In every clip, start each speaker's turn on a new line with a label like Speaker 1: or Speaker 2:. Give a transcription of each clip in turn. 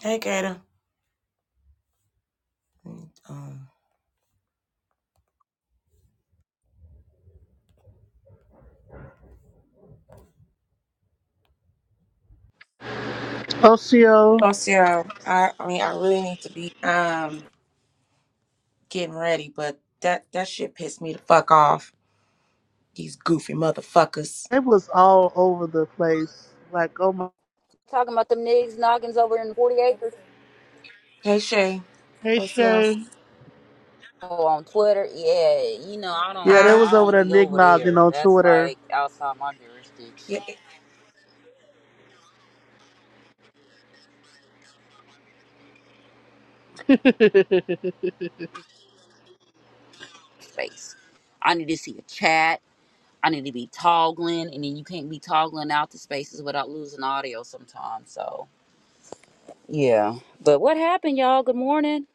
Speaker 1: Hey, Kato. Mm, Um,
Speaker 2: Osio,
Speaker 1: Oh, Sarah, I, I mean, I really need to be um getting ready, but that that shit pissed me the fuck off. These goofy motherfuckers.
Speaker 2: they was all over the place. Like, oh my.
Speaker 3: talking about them niggas noggins over in forty acres.
Speaker 1: Hey, Shay.
Speaker 2: Hey,
Speaker 1: Oh, Sarah.
Speaker 2: Shay.
Speaker 3: Oh, on Twitter, yeah, you know I
Speaker 1: Uh,
Speaker 2: Yeah, they
Speaker 3: don't,
Speaker 1: uh,
Speaker 2: was
Speaker 3: I
Speaker 2: over
Speaker 3: don't
Speaker 2: there
Speaker 3: be over
Speaker 2: nicknogging
Speaker 3: there.
Speaker 2: on
Speaker 3: That's
Speaker 2: Twitter.
Speaker 3: like outside my
Speaker 1: yeah.
Speaker 3: jurisdiction
Speaker 2: there
Speaker 3: space. I need to see a chat. I need to be toggling, and then you can't be toggling out to spaces without losing audio sometimes. So yeah, but what happened, y'all? Good morning.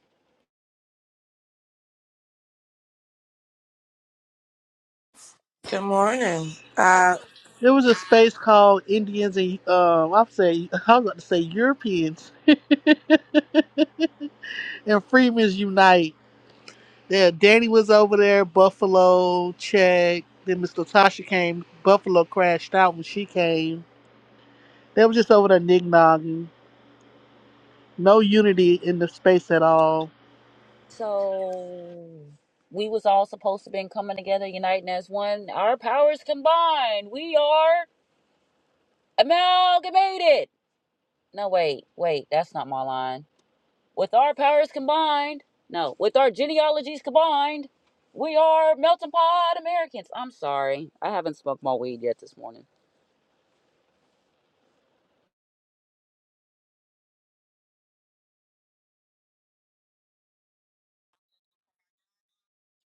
Speaker 1: good morning. Uh,
Speaker 2: was a space called Indians and, um, I'll say, I was about to say Europeans and Freemen's Unite. Yeah, Danny was over there, Buffalo, Check. Then Miss Latasha came. Buffalo crashed out when she came. They were just over there nicknogging. No unity in the space at all.
Speaker 3: So we was all supposed to been coming together, uniting as one. Our powers combined, we are amalgamated No, wait, wait, that's not my line. With our powers combined, no, with our genealogies combined, we are melting pot Americans. I'm sorry, I haven't smoked my weed yet this morning.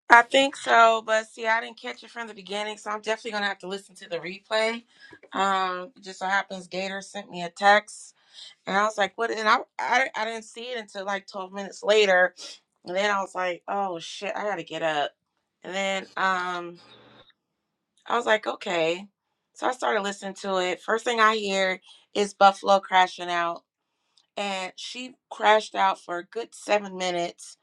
Speaker 1: I think so, but see, I didn't catch it from the beginning, so I'm definitely gonna have to listen to the replay. Um, it just so happens Gator sent me a text And I was like, what? And I, I, I didn't see it until like 12 minutes later. And then I was like, oh shit, I gotta get up. And then um, I was like, okay. So I started listening to it. First thing I hear is Buffalo crashing out. And she crashed out for a good seven minutes.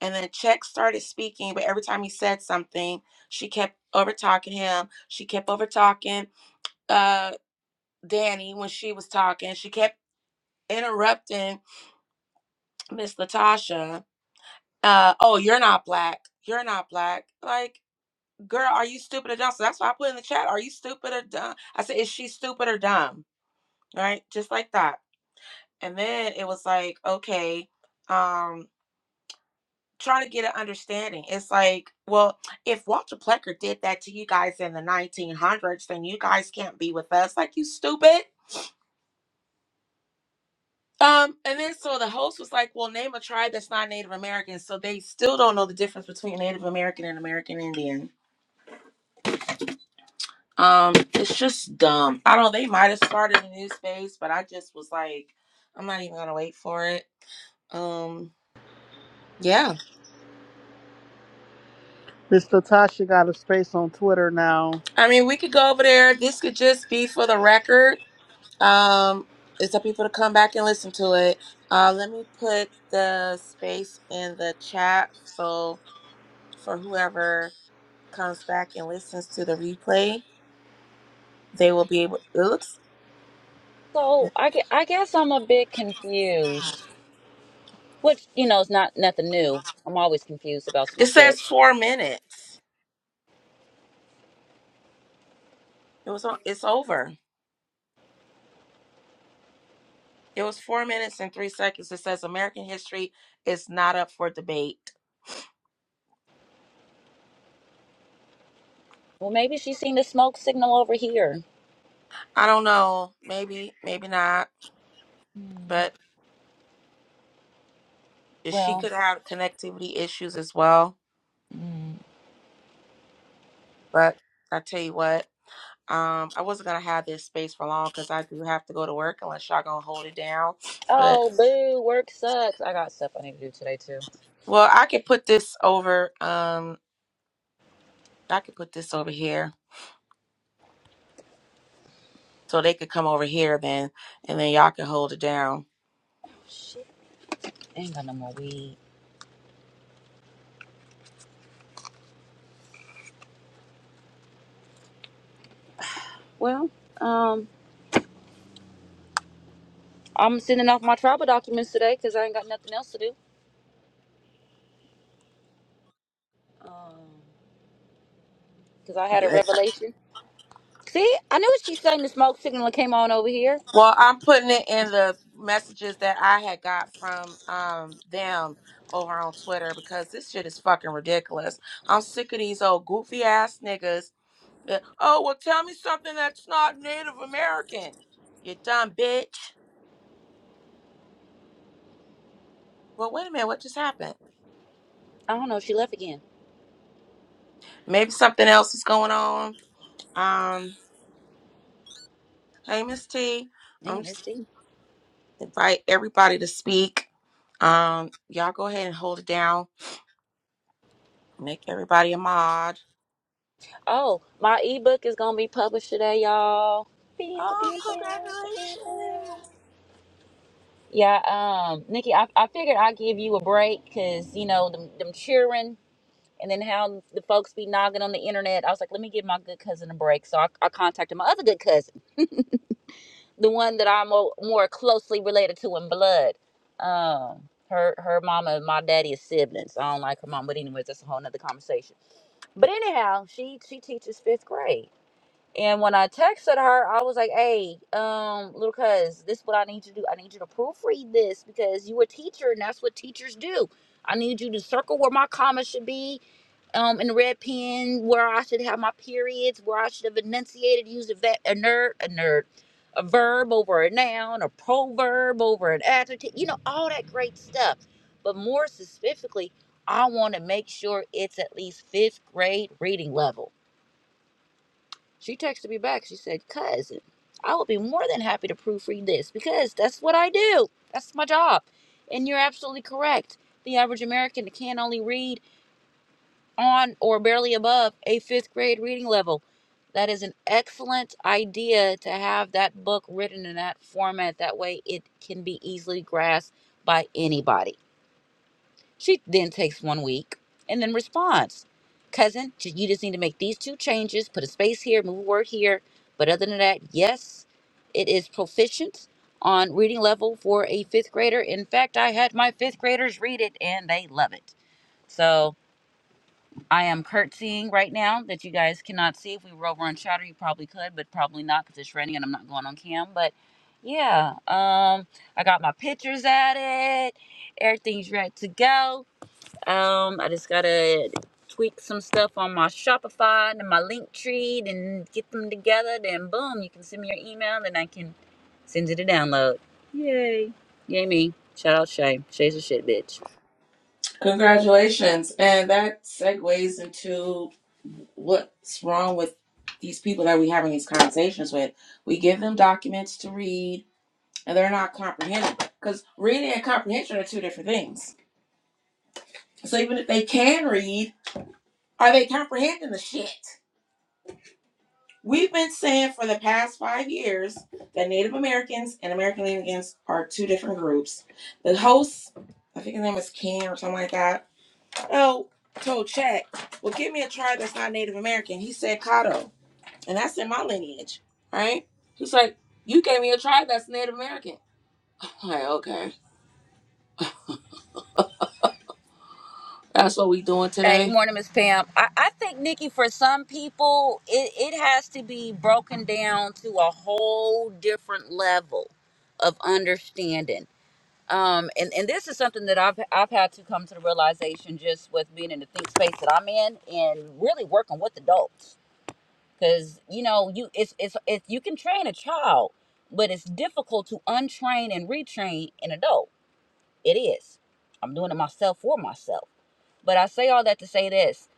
Speaker 1: And then Check started speaking, but every time he said something, she kept over talking him. She kept over talking uh, Danny when she was talking. She kept interrupting Miss Latasha uh oh you're not black you're not black like girl are you stupid or dumb so that's why i put in the chat are you stupid or dumb i said is she stupid or dumb right just like that and then it was like okay um trying to get an understanding it's like well if walter plecker did that to you guys in the 1900s then you guys can't be with us like you stupid um and then so the host was like well name a tribe that's not native american so they still don't know the difference between native american and american indian Um, it's just dumb. I don't. They might have started a new space, but I just was like, I'm not even gonna wait for it. Um, yeah.
Speaker 2: Miss Latasha got a space on Twitter now.
Speaker 1: I mean, we could go over there. This could just be for the record. Um, it's up people to come back and listen to it. Uh, let me put the space in the chat so for whoever comes back and listens to the replay, they will be able. It looks.
Speaker 3: So I, gue- I guess I'm a bit confused, which, you know, is not nothing new. I'm always confused about some
Speaker 1: It
Speaker 3: shit.
Speaker 1: says four minutes. It was. on. It's over. It was four minutes and three seconds. It says American history is not up for debate.
Speaker 3: Well, maybe she's seen the smoke signal over here.
Speaker 1: I don't know. Maybe, maybe not.
Speaker 3: Mm,
Speaker 1: But she
Speaker 3: Well,
Speaker 1: could have connectivity issues as well.
Speaker 3: mm.
Speaker 1: But I tell you what, um, I wasn't gonna have this space for long because I do have to go to work unless y'all gonna hold it down. But
Speaker 3: oh, boo, work sucks. I got stuff I need to do today, too.
Speaker 1: well, I could put this over. Um, I could put this over here so they could come over here then, and then y'all can hold it down.
Speaker 3: Shit, I ain't got no more weed. Well, um. I'm sending off my travel documents today because I ain't got nothing else to do. Because I had a revelation. See, I knew she sang the smoke signal and came on over here.
Speaker 1: Well, I'm putting it in the messages that I had got from um them over on Twitter because this shit is fucking ridiculous. I'm sick of these old goofy ass niggas. that, Oh, well, tell me something that's not Native American. You dumb bitch. Well, wait a minute, what just happened?
Speaker 3: I don't know. She left again.
Speaker 1: Maybe something else is going on. Um, hey, Miss T, I'm
Speaker 3: Man, there's
Speaker 1: just
Speaker 3: she.
Speaker 1: invite everybody to speak. Um, y'all go ahead and hold it down. Make everybody a mod.
Speaker 3: Oh, my ebook is going to be published today, y'all.
Speaker 1: Oh, congratulations.
Speaker 3: Yeah, um, Nikki, I, I figured I'd give you a break because, you know, them, them cheering and then how the folks be nogging on the internet. I was like, let me give my good cousin a break. So I, I contacted my other good cousin. the one that I'm mo- more closely related to in blood. Um, her her mama and my daddy is siblings. I don't like her mom, but anyways, that's a whole nother conversation. But anyhow, she she teaches fifth grade. And when I texted her, I was like, "Hey, um, little cuz, this is what I need you to do. I need you to proofread this because you a teacher, and that's what teachers do. I need you to circle where my commas should be um, in red pen where I should have my periods, where I should have enunciated, used a, ve- a nerd, a nerd, a verb over a noun, a proverb over an adjective, you know, all that great stuff. But more specifically, I want to make sure it's at least fifth grade reading level. She texted me back. She said, Cousin, I would be more than happy to proofread this because that's what I do. That's my job. And you're absolutely correct. The average American can only read on or barely above a fifth grade reading level. That is an excellent idea to have that book written in that format. That way, it can be easily grasped by anybody. She then takes one week and then responds Cousin, you just need to make these two changes, put a space here, move a word here. But other than that, yes, it is proficient on reading level for a fifth grader. In fact, I had my fifth graders read it and they love it. So, I am curtsying right now that you guys cannot see. If we were over on Chatter, you probably could, but probably not because it's raining and I'm not going on cam. But yeah, um, I got my pictures added. Everything's ready to go. Um, I just gotta tweak some stuff on my Shopify and my Linktree and get them together. Then boom, you can send me your email, and I can send you the download. Yay! Yay me! Shout out Shay. Shay's a shit bitch.
Speaker 1: Congratulations. And that segues into what's wrong with these people that we are having these conversations with. We give them documents to read and they're not comprehending because reading and comprehension are two different things. So even if they can read, are they comprehending the shit? We've been saying for the past five years that Native Americans and American Indians are two different groups. The host, I think his name is Ken or something like that So told Chat, well, give me a tribe that's not Native American. He said Caddo, and that's in my lineage, right? He's like, you gave me a tribe that's Native American. I'm like, okay, that's what we doing
Speaker 3: Hey, good
Speaker 1: today.
Speaker 3: morning, Miss Pam. I, I think Nikki, for some people, it, it has to be broken down to a whole different level of understanding. Um, and, and this is something that I've I've had to come to the realization just with being in the think space that I'm in and really working with adults. Cause you know, you it's it's it's you can train a child, but it's difficult to untrain and retrain an adult. It is. I'm doing it myself for myself. But I say all that to say this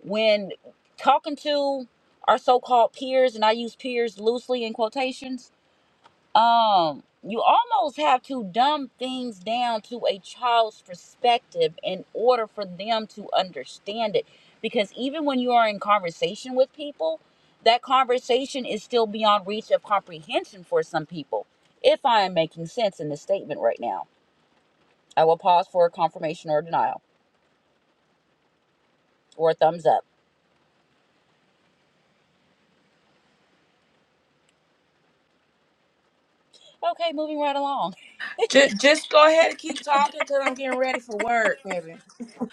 Speaker 3: when talking to our so-called peers and i use peers loosely in quotations um you almost have to dumb things down to a child's perspective in order for them to understand it because even when you are in conversation with people that conversation is still beyond reach of comprehension for some people if i am making sense in this statement right now i will pause for a confirmation or denial or a thumbs up okay moving right along
Speaker 1: Just, just go ahead and keep talking because I'm getting ready for work, baby.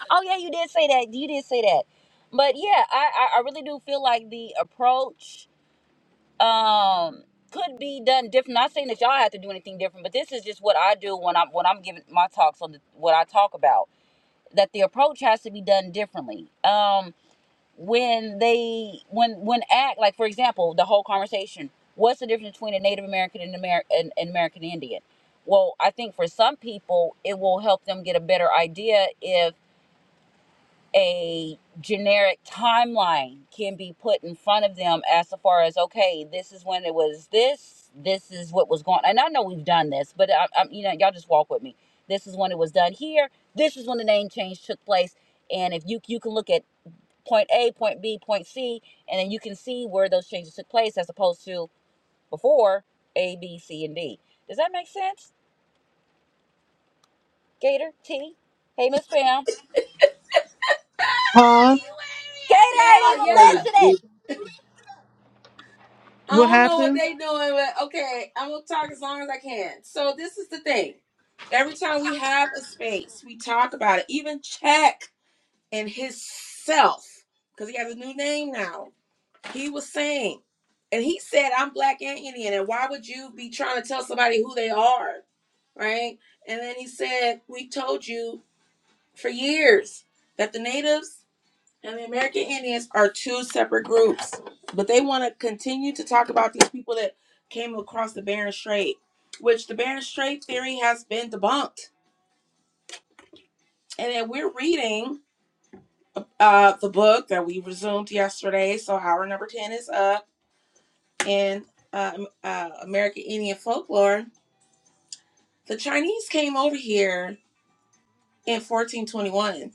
Speaker 3: Oh yeah, you did say that. You did say that. But yeah, I I, I really do feel like the approach um could be done different. Not saying that y'all have to do anything different, but this is just what I do when I'm when I'm giving my talks on the, what I talk about. That the approach has to be done differently. Um, when they when when act like for example the whole conversation. What's the difference between a Native American and American and, and American Indian? Well, I think for some people it will help them get a better idea if a generic timeline can be put in front of them as far as okay this is when it was this this is what was going on. and i know we've done this but I, I, you know y'all just walk with me this is when it was done here this is when the name change took place and if you you can look at point a point b point c and then you can see where those changes took place as opposed to before a b c and d does that make sense gator t hey miss pam
Speaker 2: Huh?
Speaker 3: gator ain't
Speaker 1: Yeah,
Speaker 3: even
Speaker 1: yeah.
Speaker 4: Tacos
Speaker 3: listening
Speaker 1: I
Speaker 2: What
Speaker 1: don't know what
Speaker 2: happened?
Speaker 1: they doing, but okay, I'm gonna talk as long as I can. So this is the thing. Every time we have a space, we talk about it. Even check. and his self, because he has a new name now, he was saying, and he said, I'm black and Indian, and why would you be trying to tell somebody who they are? Right? And then he said, We told you for years that the natives and the American Indians are two separate groups, but they want to continue to talk about these people that came across the Bering Strait, which the Bering Strait theory has been debunked. And then we're reading uh, the book that we resumed yesterday. So hour number 10 is up in um, uh, American Indian folklore. The Chinese came over here in 1421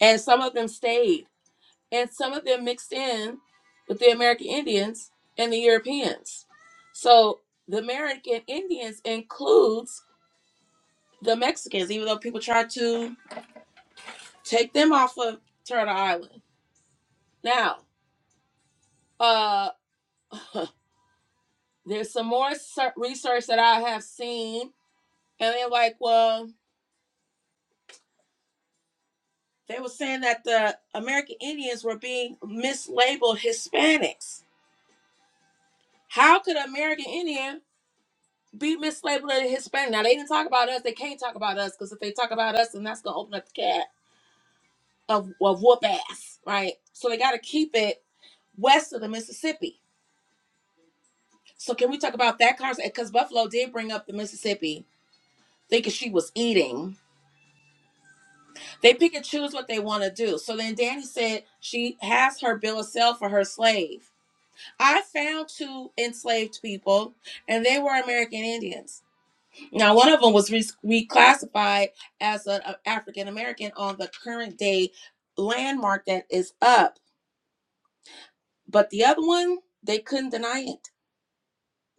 Speaker 1: and some of them stayed and some of them mixed in with the American Indians and the Europeans. So the American Indians includes the Mexicans, even though people try to take them off of Turtle Island. Now, uh, There's some more research that I have seen, and they're like, well, they were saying that the American Indians were being mislabeled Hispanics. How could an American Indian be mislabeled as Hispanic? Now, they didn't talk about us. They can't talk about us because if they talk about us, then that's going to open up the cat of, of whoop ass, right? So they got to keep it west of the Mississippi. So can we talk about that conversation? Because Buffalo did bring up the Mississippi, thinking she was eating. They pick and choose what they want to do. So then Danny said she has her bill of sale for her slave. I found two enslaved people, and they were American Indians. Now, one of them was re- reclassified as an African American on the current day landmark that is up, but the other one, they couldn't deny it.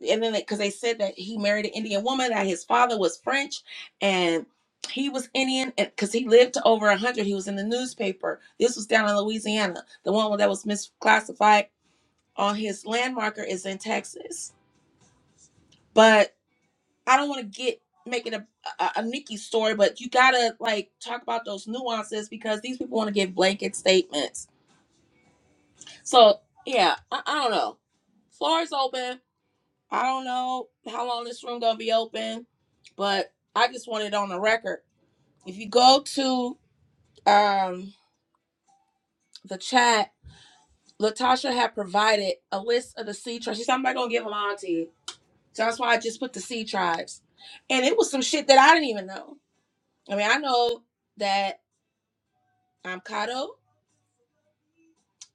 Speaker 1: and then because they said that he married an Indian woman, that his father was French, and he was Indian, and because he lived to over a hundred, he was in the newspaper. This was down in Louisiana. The one that was misclassified on his landmarker is in Texas. But I don't want to get make it a, a a Nikki story, but you gotta like talk about those nuances because these people want to give blanket statements. So yeah, I, I don't know. Floor is open I don't know how long this room gonna be open, but I just want it on the record. If you go to um the chat, Latasha had provided a list of the sea tribes. She said, I'm not gonna give them all to you. So that's why I just put the sea tribes. And it was some shit that I didn't even know. I mean, I know that I'm Kato,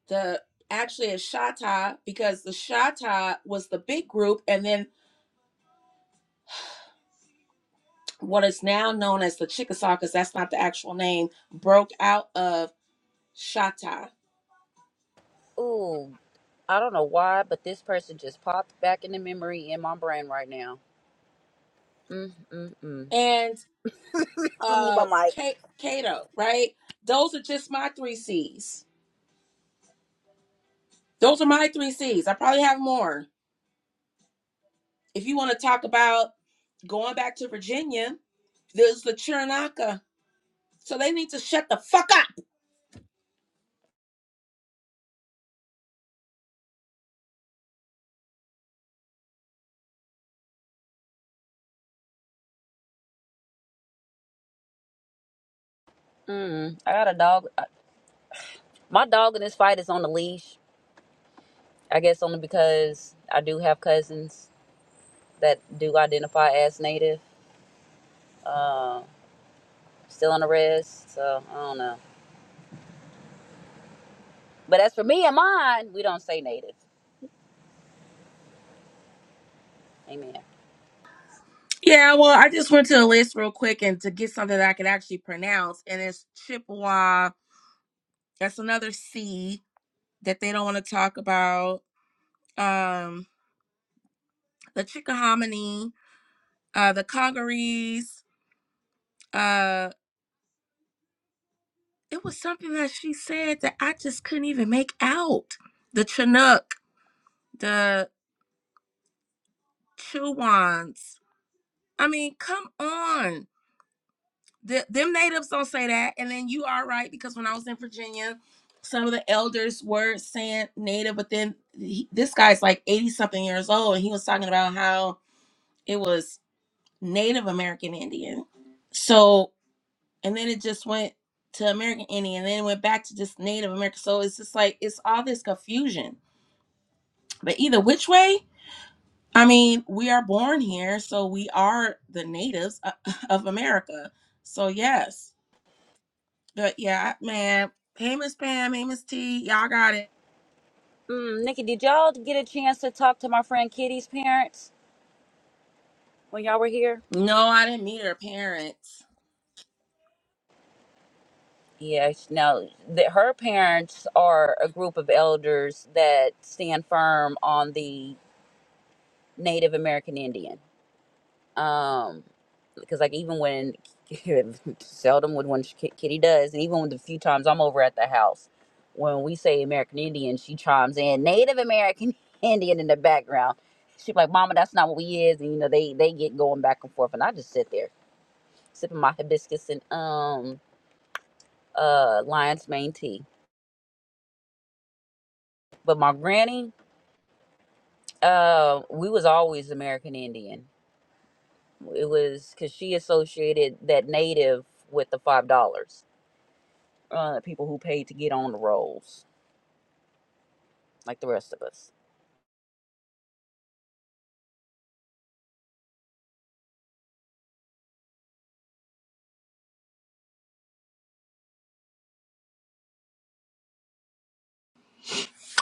Speaker 1: the actually is Shata, because the Shata was the big group, and then what is now known as the Chickasaw, because that's not the actual name, broke out of Shatta,
Speaker 3: Ooh. I don't know why, but this person just popped back in the memory in my brain right now. Mm, mm, mm.
Speaker 1: and
Speaker 3: I'm gonna mute
Speaker 1: uh
Speaker 3: my mic.
Speaker 1: Ka- Kato, right? Those are just my three C's. Those are my three C's. I probably have more. If you want to talk about going back to Virginia, there's the Churinaka. So they need to shut the fuck up.
Speaker 3: Mm. I got a dog. I- My dog in this fight is on a leash. I guess only because I do have cousins that do identify as native. Uh, still on the res, so I don't know. But as for me and mine, we don't say native. Amen.
Speaker 1: Yeah, well, I just went to the list real quick and to get something that I could actually pronounce, and it's Chippewa. That's another C that they don't want to talk about. Um, the Chickahominy, uh, the Congarese, it was something that she said that I just couldn't even make out. The Chinook, the Chewans. I mean, come on. The, them natives don't say that. And then you are right because when I was in Virginia, some of the elders were saying native, but then he, this guy's like 80 something years old and he was talking about how it was Native American Indian. So, and then it just went to American Indian and then it went back to just Native American. So it's just like, it's all this confusion But either which way, I mean, we are born here, so we are the natives uh, of America. So yes, but yeah, man. Hey, Miss Pam. Hey, Miss T. Y'all got it.
Speaker 3: Mm, Nikki, did y'all get a chance to talk to my friend Kitty's parents when y'all were here?
Speaker 1: No, I didn't meet her parents.
Speaker 3: Yes. Now, the, her parents are a group of elders that stand firm on the Native American Indian. Um, because like even when seldom would when Ki- Kitty does, and even with the few times I'm over at the house, when we say American Indian, she chimes in Native American Indian in the background. She's like, "Mama, that's not what we is," and you know they they get going back and forth, and I just sit there sipping my hibiscus and um uh lion's mane tea. But my granny, uh, we was always American Indian. It was because she associated that native with the five dollars, uh, people who paid to get on the rolls, like the rest of us.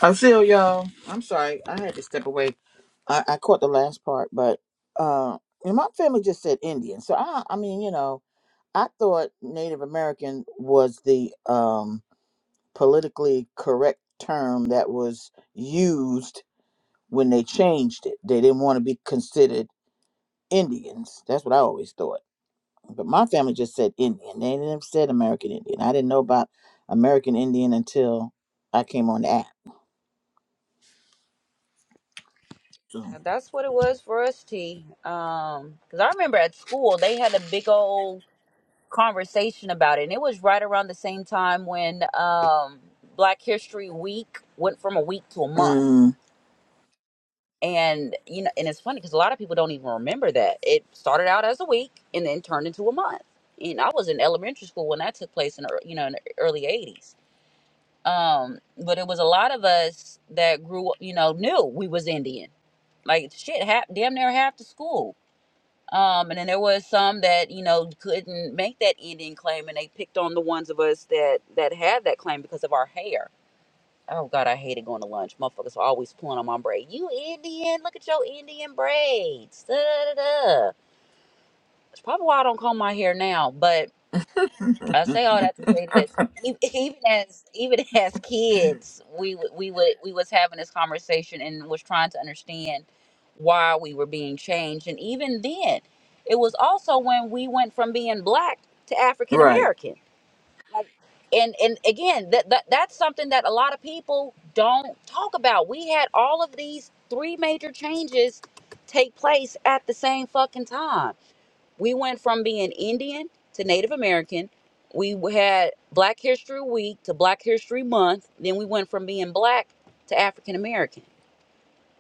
Speaker 5: I'm still y'all. I'm sorry. I had to step away. I, I caught the last part, but uh, and my family just said Indian. So I, I mean, you know, I thought Native American was the um, politically correct term that was used when they changed it. They didn't want to be considered Indians. That's what I always thought. But my family just said Indian. They never said American Indian. I didn't know about American Indian until I came on the app. So,
Speaker 3: And that's what it was for us, T. Um, because I remember at school they had a big old conversation about it, and it was right around the same time when um Black History Week went from a week to a month.
Speaker 5: mm,
Speaker 3: and you know and it's funny because a lot of people don't even remember that it started out as a week and then turned into a month and i was in elementary school when that took place in the ear- you know in the e, early 80s um but it was a lot of us that grew you know knew we was indian like shit half damn near half the school um and then there was some that you know couldn't make that indian claim and they picked on the ones of us that that had that claim because of our hair Oh God, I hated going to lunch. Motherfuckers were always pulling on my braid. You Indian, look at your Indian braids. Da, da, da, da. It's probably why I don't comb my hair now. But I say all that to say this: E- even as even as kids, we w- we would we was having this conversation and was trying to understand why we were being changed. And even then, it was also when we went from being black to African
Speaker 5: right.
Speaker 3: American and and again that, that that's something that a lot of people don't talk about we had all of these three major changes take place at the same fucking time we went from being indian to native american we had black history week to black history month then we went from being black to african american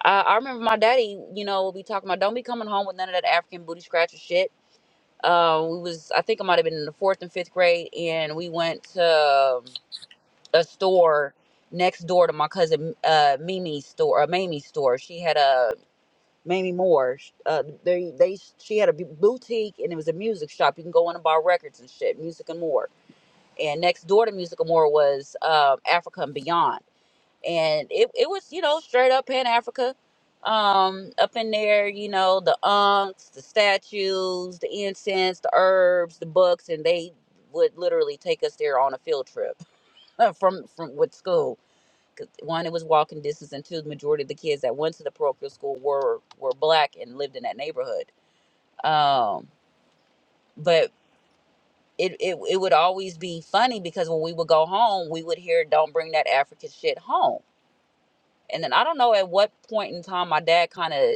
Speaker 3: I i remember my daddy you know would be talking about don't be coming home with none of that african booty scratcher shit uh, we was i think i might have been in the fourth and fifth grade and we went to um, a store next door to my cousin uh Mimi's store, uh, Mamie's store. She had a Mamie Moore. sh- Uh, they they she had a bu- boutique and it was a music shop. You can go in and buy records and shit, music and more. And next door to Music and More was um, Africa and Beyond, and it it was you know straight up Pan Africa. Um, up in there, you know, the unks, the statues, the incense, the herbs, the books, and they would literally take us there on a field trip from from with school 'Cause one, it was walking distance, and two, the majority of the kids that went to the parochial school were were black and lived in that neighborhood. Um, but it, it it would always be funny because when we would go home, we would hear "Don't bring that African shit home," and then I don't know at what point in time my dad kind of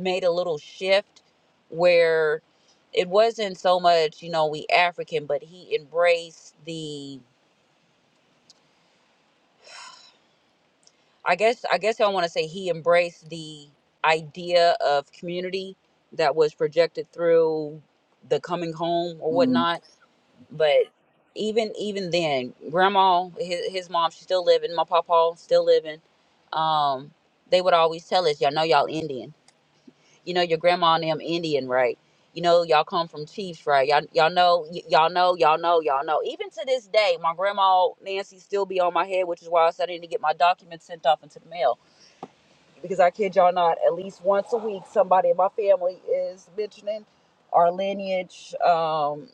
Speaker 3: made a little shift where it wasn't so much you know we African, but he embraced the I guess I guess I want to say he embraced the idea of community that was projected through the coming home or
Speaker 5: Mm.
Speaker 3: whatnot. But even even then, grandma, his, his mom, she's still living. My papa still living. Um, they would always tell us, y'all know y'all Indian. You know your grandma and them Indian, right? You know y'all come from chiefs, right? Y'all y'all know y- y'all know y'all know y'all know. Even to this day, my grandma Nancy still be on my head, which is why I said I need to get my documents sent off into the mail because I kid y'all not, at least once a week, somebody in my family is mentioning our lineage, um,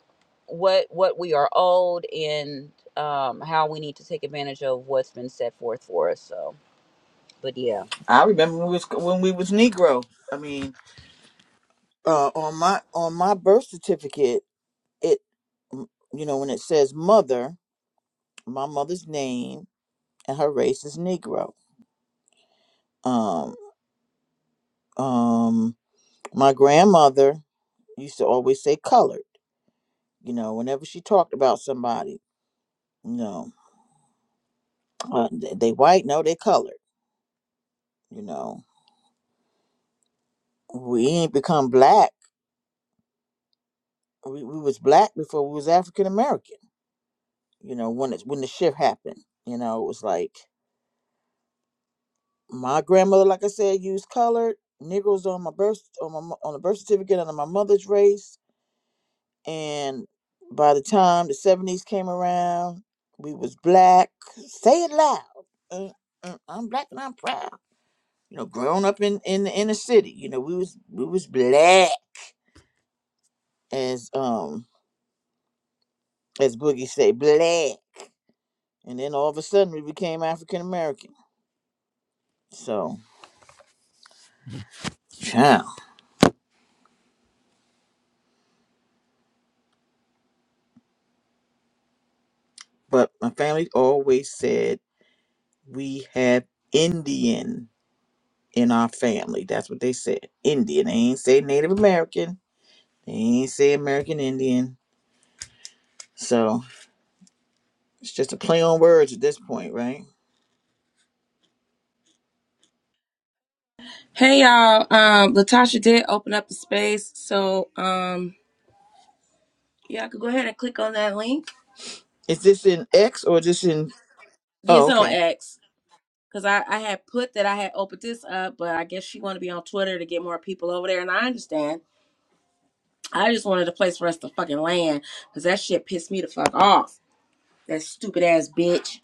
Speaker 3: what what we are owed, and um, how we need to take advantage of what's been set forth for us. So, but yeah,
Speaker 5: I remember when we was when we was Negro. I mean, uh, on my on my birth certificate, it you know when it says mother, my mother's name and her race is Negro. Um, um, my grandmother used to always say colored. You know, whenever she talked about somebody, you know, uh, they, they white, no, they colored. You know, we ain't become black. We, we was black before we was African American. you know when it's when the shift happened you know it was like my grandmother like i said used colored negroes on my birth on my mo- on the birth certificate under my mother's race and by the time the 70s came around we was black say it loud uh, uh, i'm black and i'm proud you know growing up in in the inner city you know we was we was black as um as boogie say black and then all of a sudden we became african american so child but my family always said we have Indian in our family. That's what they said. Indian. They ain't say Native American. They ain't say American Indian. So it's just a play on words at this point, right?
Speaker 1: Hey, y'all. Um, Latasha did open up the space, so um, yeah, I could go ahead and click on that link.
Speaker 5: Is this in X or is this in? Oh,
Speaker 1: Yes, on
Speaker 5: okay.
Speaker 1: X, because I I had put that I had opened this up, but I guess she want to be on Twitter to get more people over there, and I understand. I just wanted a place for us to fucking land because that shit pissed me the fuck off. That stupid ass bitch.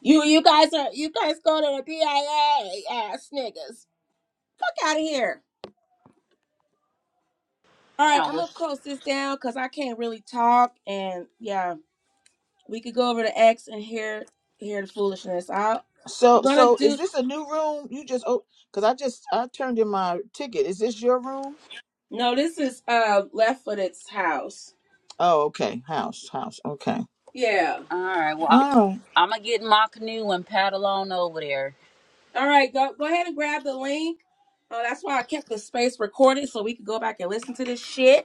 Speaker 1: You you guys are you guys go to the BIA ass niggas. Fuck out of here. All right,
Speaker 3: yeah.
Speaker 1: I'm
Speaker 3: Well,
Speaker 1: gonna close this down because I can't really talk and yeah, we could go over to X and hear hear the foolishness. I'll, I'm
Speaker 5: So,
Speaker 1: gonna
Speaker 5: so is
Speaker 1: do
Speaker 5: this a new room? You just oh, cause I just I turned in my ticket. Is this your room?
Speaker 1: no. This is uh left footed's house.
Speaker 5: Oh, okay. House, house. Okay.
Speaker 1: Yeah.
Speaker 3: all right. Well, I,
Speaker 5: All right.
Speaker 3: I'm gonna get in my canoe and paddle on over there.
Speaker 1: All right, go go ahead and grab the link. Uh, that's why I kept the space recorded so we could go back and listen to this shit.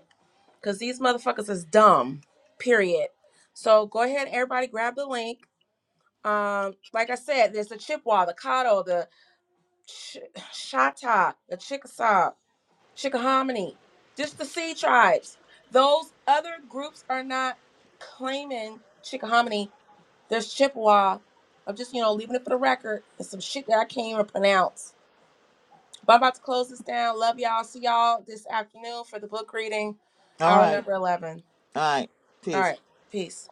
Speaker 1: Cause these motherfuckers is dumb. Period. So go ahead, everybody, grab the link. Um, like I said, there's the Chippewa, the Caddo, the Ch- Chata, the Chickasaw, Chickahominy, just the Sea tribes. Those other groups are not claiming Chickahominy. There's Chippewa. I'm just, you know, leaving it for the record. It's some shit that I can't even pronounce. But I'm about to close this down. Love y'all. See y'all this afternoon for the book reading,
Speaker 5: All
Speaker 1: hour
Speaker 5: right.
Speaker 1: number 11.
Speaker 5: All right.
Speaker 1: All
Speaker 5: Peace.
Speaker 1: right. Peace.